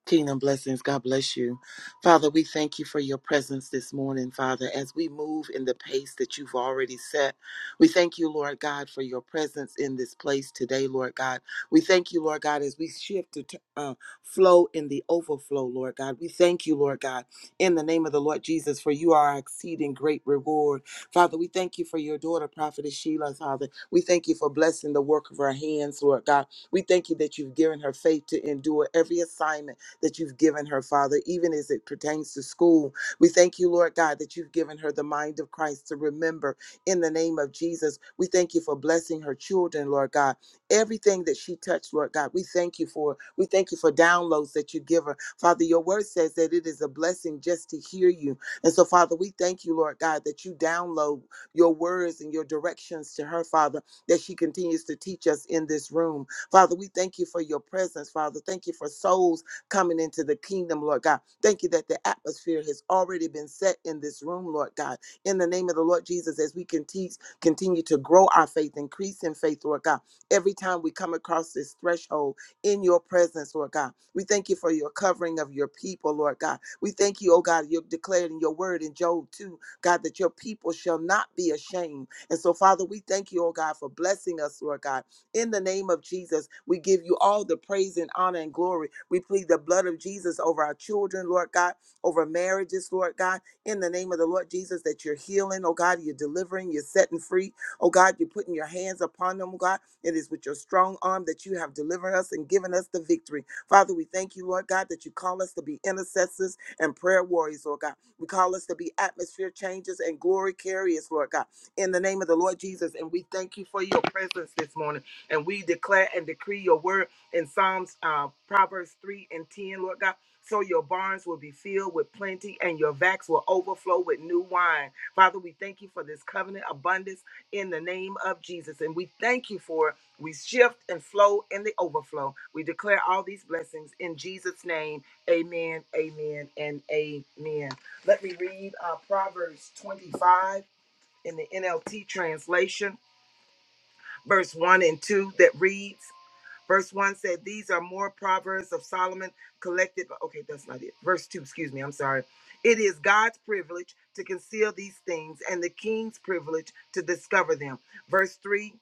Kingdom blessings. God bless you. Father, we thank you for your presence this morning, Father, as we move in the pace that you've already set. We thank you, Lord God, for your presence in this place today, Lord God. We thank you, Lord God, as we shift to uh, flow in the overflow, Lord God. We thank you, Lord God, in the name of the Lord Jesus, for you are our exceeding great reward. Father, we thank you for your daughter, Prophetess Sheila, Father. We thank you for blessing the work of her hands, Lord God. We thank you that you've given her faith to endure every assignment that you've given her, Father, even as it pertains to school. We thank you, Lord God, that you've given her the mind of Christ to remember in the name of Jesus. We thank you for blessing her children, Lord God. Everything that she touched, Lord God, we thank you for. We thank you for downloads that you give her. Father, your word says that it is a blessing just to hear you. And so, Father, we thank you, Lord God, that you download your words and your directions to her, Father, that she continues to teach us in this room. Father, we thank you for your presence, Father. Thank you for souls coming into the kingdom, Lord God. Thank you that the atmosphere has already been set in this room, Lord God. In the name of the Lord Jesus, as we can teach, continue to grow our faith, increase in faith, Lord God. Every time we come across this threshold in your presence, Lord God, we thank you for your covering of your people, Lord God. We thank you, oh God, you've declared in your word in Job 2, God, that your people shall not be ashamed. And so, Father, we thank you, oh God, for blessing us, Lord God in the name of Jesus, we give you all the praise and honor and glory. We plead the blood of Jesus over our children, Lord God, over marriages, Lord God. In the name of the Lord Jesus, that you're healing, oh God, you're delivering, you're setting free, oh God, you're putting your hands upon them, oh God. It is with your strong arm that you have delivered us and given us the victory. Father, we thank you, Lord God, that you call us to be intercessors and prayer warriors, Lord God. We call us to be atmosphere changers and glory carriers, Lord God, in the name of the Lord Jesus. And we thank you for your presence this morning. And we declare and decree your word in Psalms, uh, Proverbs 3 and 10, Lord God. So your barns will be filled with plenty and your vats will overflow with new wine. Father, we thank you for this covenant abundance in the name of Jesus. And we thank you for it. We shift and flow in the overflow. We declare all these blessings in Jesus' name. Amen, amen, and amen. Let me read uh, Proverbs 25 in the NLT translation, verse 1 and 2 that reads, Verse 1 said, These are more proverbs of Solomon collected. By, okay, that's not it. Verse 2, excuse me, I'm sorry. It is God's privilege to conceal these things and the king's privilege to discover them. Verse 3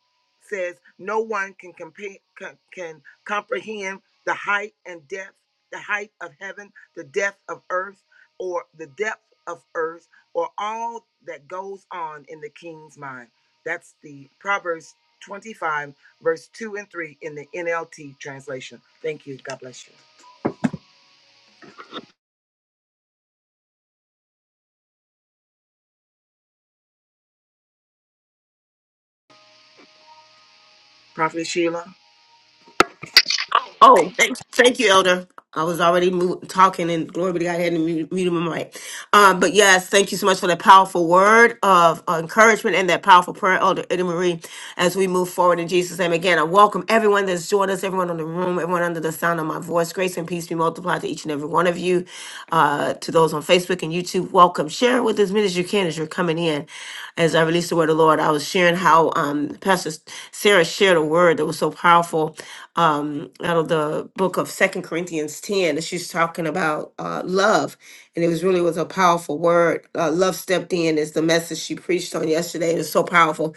says, No one can, compa- co- can comprehend the height and depth, the height of heaven, the depth of earth, or the depth of earth, or all that goes on in the king's mind. That's the Proverbs 25 verse 2 and 3 in the NLT translation. Thank you. God bless you. Prophet Sheila. Oh, thank, thank you, Elder. I was already mo- talking, and glory be to God, I had to mute, mute my mic. Um, but yes, thank you so much for that powerful word of uh, encouragement and that powerful prayer, Elder Ida Marie, as we move forward in Jesus' name. Again, I welcome everyone that's joined us, everyone in the room, everyone under the sound of my voice. Grace and peace be multiplied to each and every one of you. Uh, to those on Facebook and YouTube, welcome. Share with as many as you can as you're coming in. As I release the word of the Lord, I was sharing how um, Pastor Sarah shared a word that was so powerful out of the book of Second Corinthians 10, and she's talking about uh, love. And it was really was a powerful word. Uh, love stepped in is the message she preached on yesterday. It was so powerful.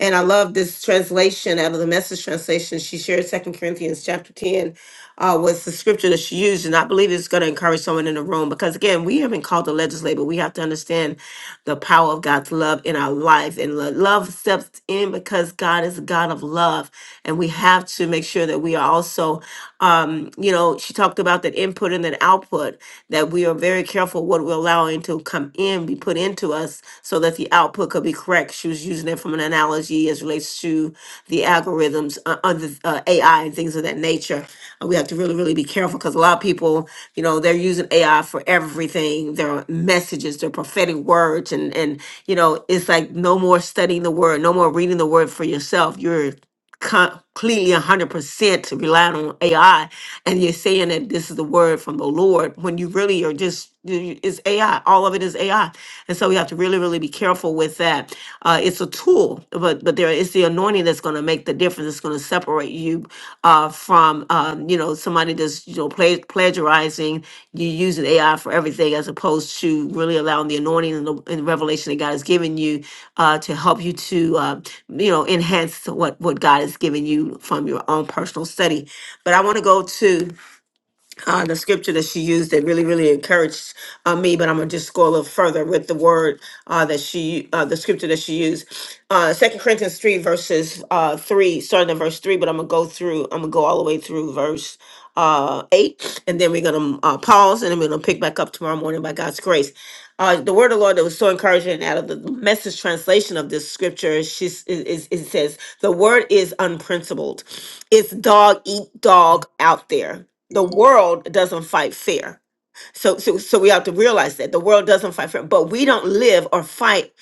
And I love this translation out of the message translation. She shared Second Corinthians chapter 10 uh, was the scripture that she used. And I believe it's going to encourage someone in the room because, again, we haven't called to legislate, but we have to understand the power of God's love in our life. And lo- love steps in because God is a God of love. And we have to make sure that we are also um, you know, she talked about that input and that output, that we are very careful what we're allowing to come in, be put into us, so that the output could be correct. She was using it from an analogy as relates to the algorithms uh, under uh, AI and things of that nature. Uh, we have to really, really be careful because a lot of people, you know, they're using AI for everything. Their messages, their prophetic words, and and you know, it's like no more studying the word, no more reading the word for yourself. You're completely 100% relying on AI and you're saying that this is the word from the Lord when you really are just is AI all of it is AI and so we have to really really be careful with that uh it's a tool but but there is the anointing that's going to make the difference it's going to separate you uh, uh, from um, you know somebody that's you know pla- plagiarizing. You using AI for everything as opposed to really allowing the anointing and the, and the revelation that God has given you uh, to help you to uh, you know enhance what what God has given you from your own personal study. But I want to go to uh, the scripture that she used that really, really encouraged uh, me. But I'm gonna just go a little further with the word uh, that she, uh, the scripture that she used, Uh, Second Corinthians three verses uh, three, starting at verse three. But I'm gonna go through. I'm gonna go all the way through verse uh, eight, and then we're gonna uh, pause, and then we're gonna pick back up tomorrow morning by God's grace. Uh, the word of the Lord that was so encouraging out of the message translation of this scripture, she s- is, is, it says, The word is unprincipled. It's dog eat dog out there the world doesn't fight fair. So, so, so we have to realize that the world doesn't fight fair, but we don't live or fight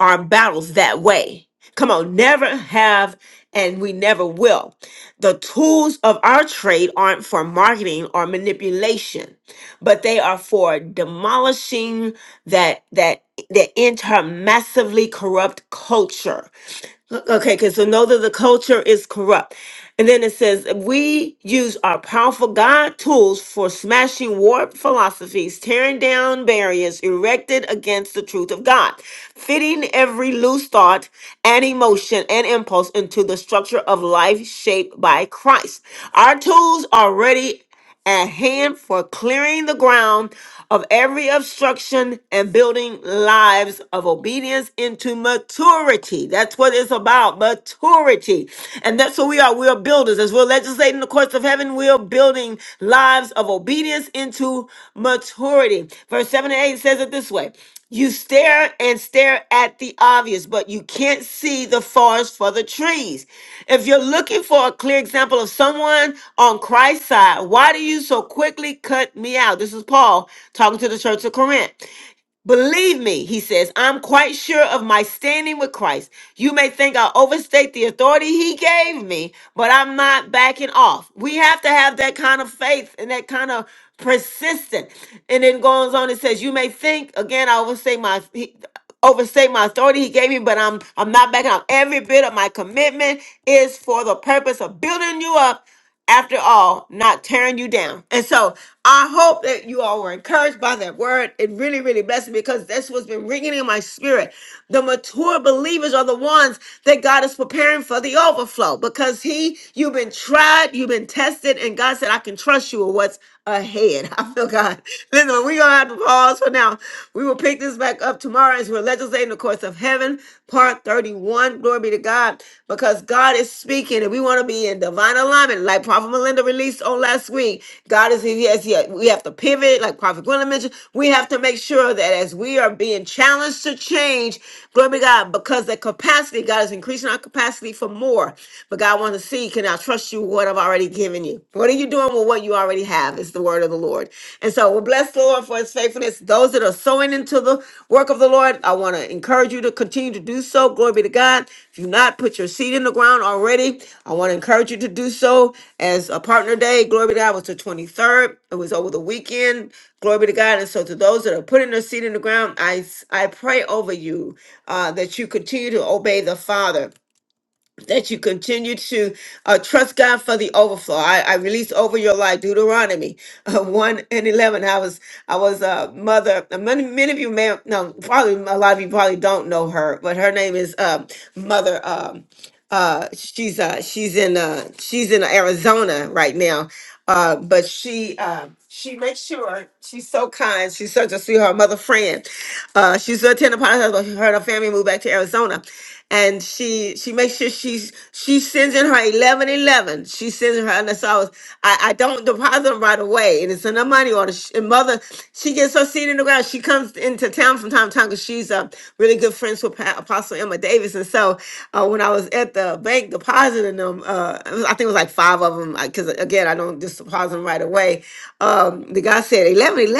our battles that way. Come on, never have, and we never will. The tools of our trade aren't for marketing or manipulation, but they are for demolishing that that that intermassively corrupt culture. Okay, because so know that the culture is corrupt. And then it says, we use our powerful God tools for smashing warped philosophies, tearing down barriers erected against the truth of God, fitting every loose thought and emotion and impulse into the structure of life shaped by Christ. Our tools are ready at hand for clearing the ground of every obstruction and building lives of obedience into maturity. That's what it's about, maturity. And that's what we are. We are builders. As we're legislating the courts of heaven, we are building lives of obedience into maturity. Verse 7 and 8 says it this way. You stare and stare at the obvious, but you can't see the forest for the trees. If you're looking for a clear example of someone on Christ's side, why do you so quickly cut me out? This is Paul talking to the church of Corinth. Believe me, he says, I'm quite sure of my standing with Christ. You may think I overstate the authority he gave me, but I'm not backing off. We have to have that kind of faith and that kind of persistent. And it goes on and says, You may think, again, I overstate my Overstate my authority he gave me, but I'm I'm not backing out. Every bit of my commitment is for the purpose of building you up after all, not tearing you down. And so I hope that you all were encouraged by that word. It really, really blessed me because that's what's been ringing in my spirit. The mature believers are the ones that God is preparing for the overflow because He, you've been tried, you've been tested, and God said, I can trust you with what's ahead. I feel God. Listen, but we're going to have to pause for now. We will pick this back up tomorrow as we're legislating the course of heaven, part 31. Glory be to God, because God is speaking and we want to be in divine alignment, like Prophet Melinda released on last week. God is, yes, yes, yeah, we have to pivot, like Prophet Gwendolyn mentioned. We have to make sure that as we are being challenged to change, glory be to God, because the capacity, God is increasing our capacity for more. But God wants to see, can I trust you with what I've already given? given you? What are you doing with what you already have? It's the word of the Lord. And so we bless the Lord for his faithfulness. Those that are sowing into the work of the Lord, I want to encourage you to continue to do so. Glory be to God. If you've not put your seed in the ground already, I want to encourage you to do so as a partner day. Glory be to God. It was the 23rd. It was over the weekend. Glory be to God. And so to those that are putting their seed in the ground, I, I pray over you uh, that you continue to obey the Father that you continue to uh, trust God for the overflow. I, I release over your life Deuteronomy uh, 1 and 11. I was I was a mother. uh, Many, many of you may no probably a lot of you probably don't know her, but her name is um, Mother. Um, uh she's uh she's in uh she's in arizona right now uh but she uh she makes sure she's so kind she's such a sweetheart mother friend uh she's a tender upon but her and her family moved back to arizona and she she makes sure she's she sends in her 11 11 she sends in her and so i was i, I don't deposit them right away and it's in her money order She- and mother she gets her seat in the ground she comes into town from time to time because she's up really good friends with Pa- Apostle Emma Davis. And so uh, when I was at the bank depositing them, uh, it was- I think it was like five of them, because again, I don't just deposit them right away. Um, the guy said, 11, 11.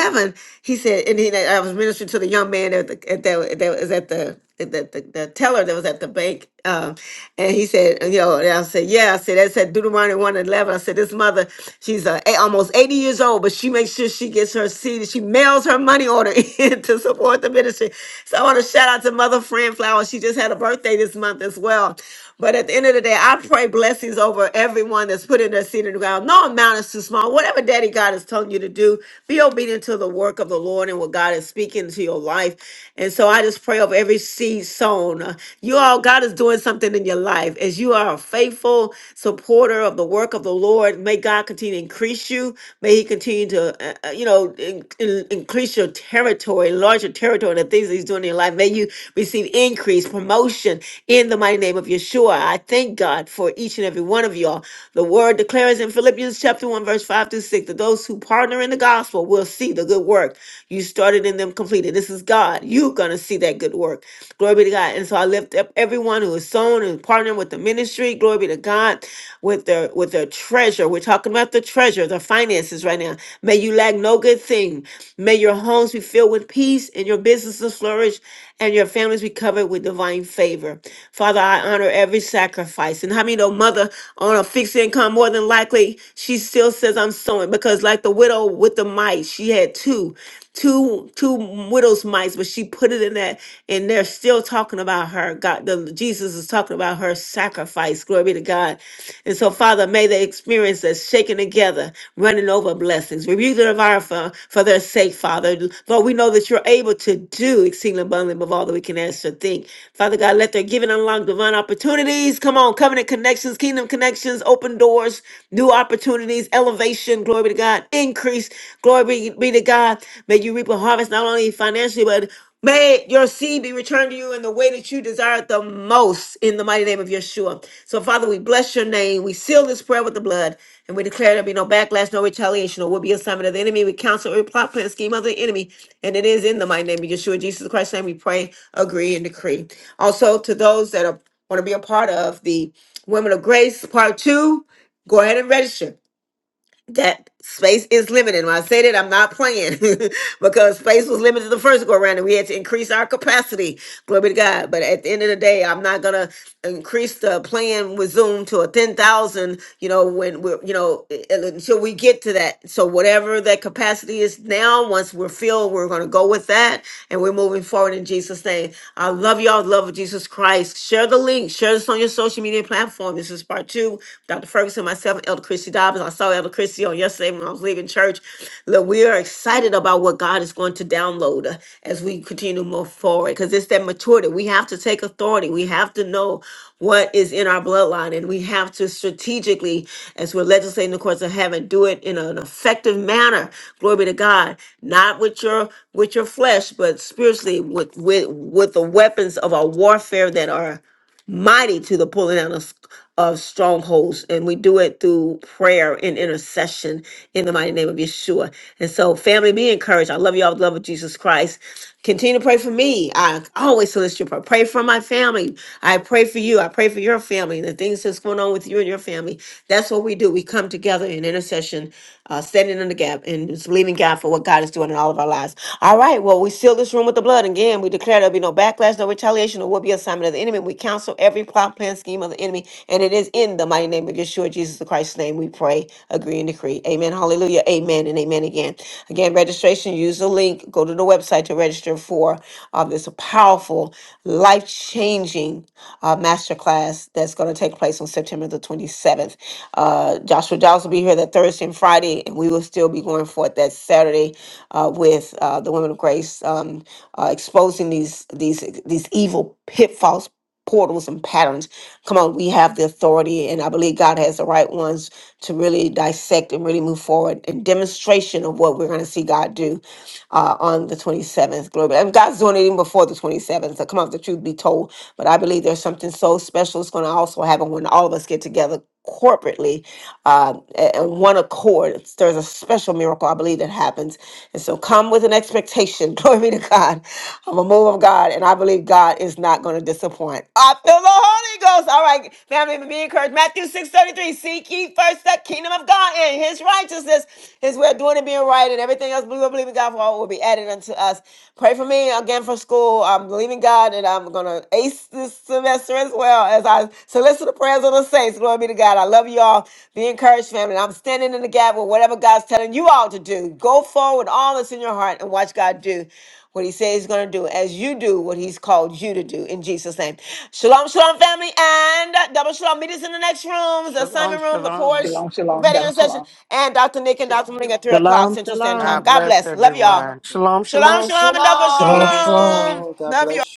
He said, and he, I was ministering to the young man at the, at that, that was at the the, the, the teller that was at the bank, um, and he said, you know, and I said, yeah, I said, that said Deuteronomy 1 and 11. I said, this mother, she's uh, eight, almost 80 years old, but she makes sure she gets her seed. She mails her money order in to support the ministry. So I want to shout out to Mother Fran Flower. She just had a birthday this month as well. But at the end of the day, I pray blessings over everyone that's putting their seed in the ground. No amount is too small. Whatever Daddy God is telling you to do, be obedient to the work of the Lord and what God is speaking to your life. And so I just pray over every seed sown. Uh, You all, God is doing something in your life. As you are a faithful supporter of the work of the Lord, may God continue to increase you. May He continue to, uh, uh, you know, in- in- increase your territory, enlarge larger territory and the things that he's doing in your life. May you receive increase, promotion in the mighty name of Yeshua. I thank God for each and every one of y'all. The word declares in Philippians chapter 1, verse 5 through 6 that those who partner in the gospel will see the good work you started in them completed. This is God. You're going to see that good work. Glory be to God. And so I lift up everyone who is sown and partnering with the ministry. Glory be to God with their with their treasure. We're talking about the treasure treasure, the finances right now. May you lack no good thing. May your homes be filled with peace and your businesses flourish and your families be covered with divine favor. Father, I honor every sacrifice. And how many know mother on a fixed income more than likely she still says I'm sowing because like the widow with the mite, she had two two two widows mites, but she put it in that, and they're still talking about her. God, the Jesus is talking about her sacrifice. Glory be to God. And so, Father, may they experience that shaking together, running over blessings. Rebuke their environment for, for their sake, Father. Lord, we know that you're able to do exceeding abundantly above all that we can ask or think. Father God, let their giving unlock divine opportunities. Come on, covenant connections, kingdom connections, open doors, new opportunities, elevation. Glory be to God. Increase increase. Glory be, be to God. May you reap a harvest not only financially, but may your seed be returned to you in the way that you desire it the most in the mighty name of Yeshua. So, Father, we bless your name. We seal this prayer with the blood, and we declare there be no backlash, no retaliation, or will be assignment of the enemy. We counsel every plot, plan, scheme of the enemy, and it is in the mighty name of Yeshua, Jesus Christ's name. We pray, agree, and decree. Also, to those that are want to be a part of the Women of Grace Part Two, go ahead and register that space is limited. When I say that, I'm not playing because space was limited the first go around and we had to increase our capacity. Glory be to God. But at the end of the day, I'm not going to increase the plan with Zoom to a 10,000, you know, when we're, you know, i- i- until we get to that. So whatever that capacity is now, once we're filled, we're going to go with that and we're moving forward in Jesus' name. I love y'all. Love of Jesus Christ. Share the link. Share this on your social media platform. This is part two you, Dr. Ferguson, myself, and Elder Christy Dobbins. I saw Elder Christy on yesterday when I was leaving church. Look, we are excited about what God is going to download uh, as we continue to move forward because it's that maturity. We have to take authority. We have to know what is in our bloodline and we have to strategically, as we're legislating the courts of heaven, do it in an effective manner. Glory be to God. Not with your with your flesh, but spiritually with with with the weapons of our warfare that are mighty to the pulling down of, of strongholds. And we do it through prayer and intercession in the mighty name of Yeshua. And so, family, be encouraged. I love you all with the love of Jesus Christ. Continue to pray for me. I always solicit your prayer. Pray for my family. I pray for you. I pray for your family and the things that's going on with you and your family. That's what we do. We come together in intercession, uh, standing in the gap and just believing God for what God is doing in all of our lives. All right. Well, we seal this room with with the blood, again, we declare there'll be no backlash, no retaliation, or will be assignment of the enemy. We counsel every plot, plan, scheme of the enemy, and it is in the mighty name of Yeshua, Jesus Christ's name, we pray, agree, and decree. Amen. Hallelujah. Amen and amen again. Again, registration, use the link, go to the website to register for uh, this powerful, life changing uh, masterclass that's going to take place on September the 27th. Uh, Joshua Giles will be here that Thursday and Friday, and we will still will be going forth that Saturday uh, with uh, the Women of Grace, um, uh, exposing these these these evil pitfalls. Portals and patterns. Come on, we have the authority, and I believe God has the right ones to really dissect and really move forward in demonstration of what we're going to see God do uh, on the 27th. Glory. be- And God's doing it even before the 27th. So come on, the truth be told. But I believe there's something so special that's going to also happen when all of us get together corporately uh, a- and one accord. It's- There's a special miracle, I believe, that happens. And so come with an expectation. Glory be to God. I'm a move of God, and I believe God is not going to disappoint. I feel the Holy Ghost. All right, family, be encouraged. Matthew 6.33, seek ye first the kingdom of God and his righteousness, his way of doing and being right, and everything else we will believe in God for all will be added unto us. Pray for me again for school. I'm believing God, and I'm going to ace this semester as well as I solicit the prayers of the saints. Glory be to God. I love you all. Be encouraged, family. I'm standing in the gap with whatever God's telling you all to do. Go forward, with all that's in your heart, and watch God do what He says He's going to do as you do what He's called you to do in Jesus' name. Shalom, shalom, family, and double shalom. Meet us in the next rooms, the Shalom, assignment room, the shalom. porch, prophetic intercession, and Dr. Nick and Dr. Maling at 3 o'clock Shalom, Central Standard shalom. God Time. God bless bless. Love you all. everyone. Shalom, shalom. Shalom, Shalom, shalom, and double shalom. Shalom, Shalom, shalom. shalom. shalom. God Love you all. bless you.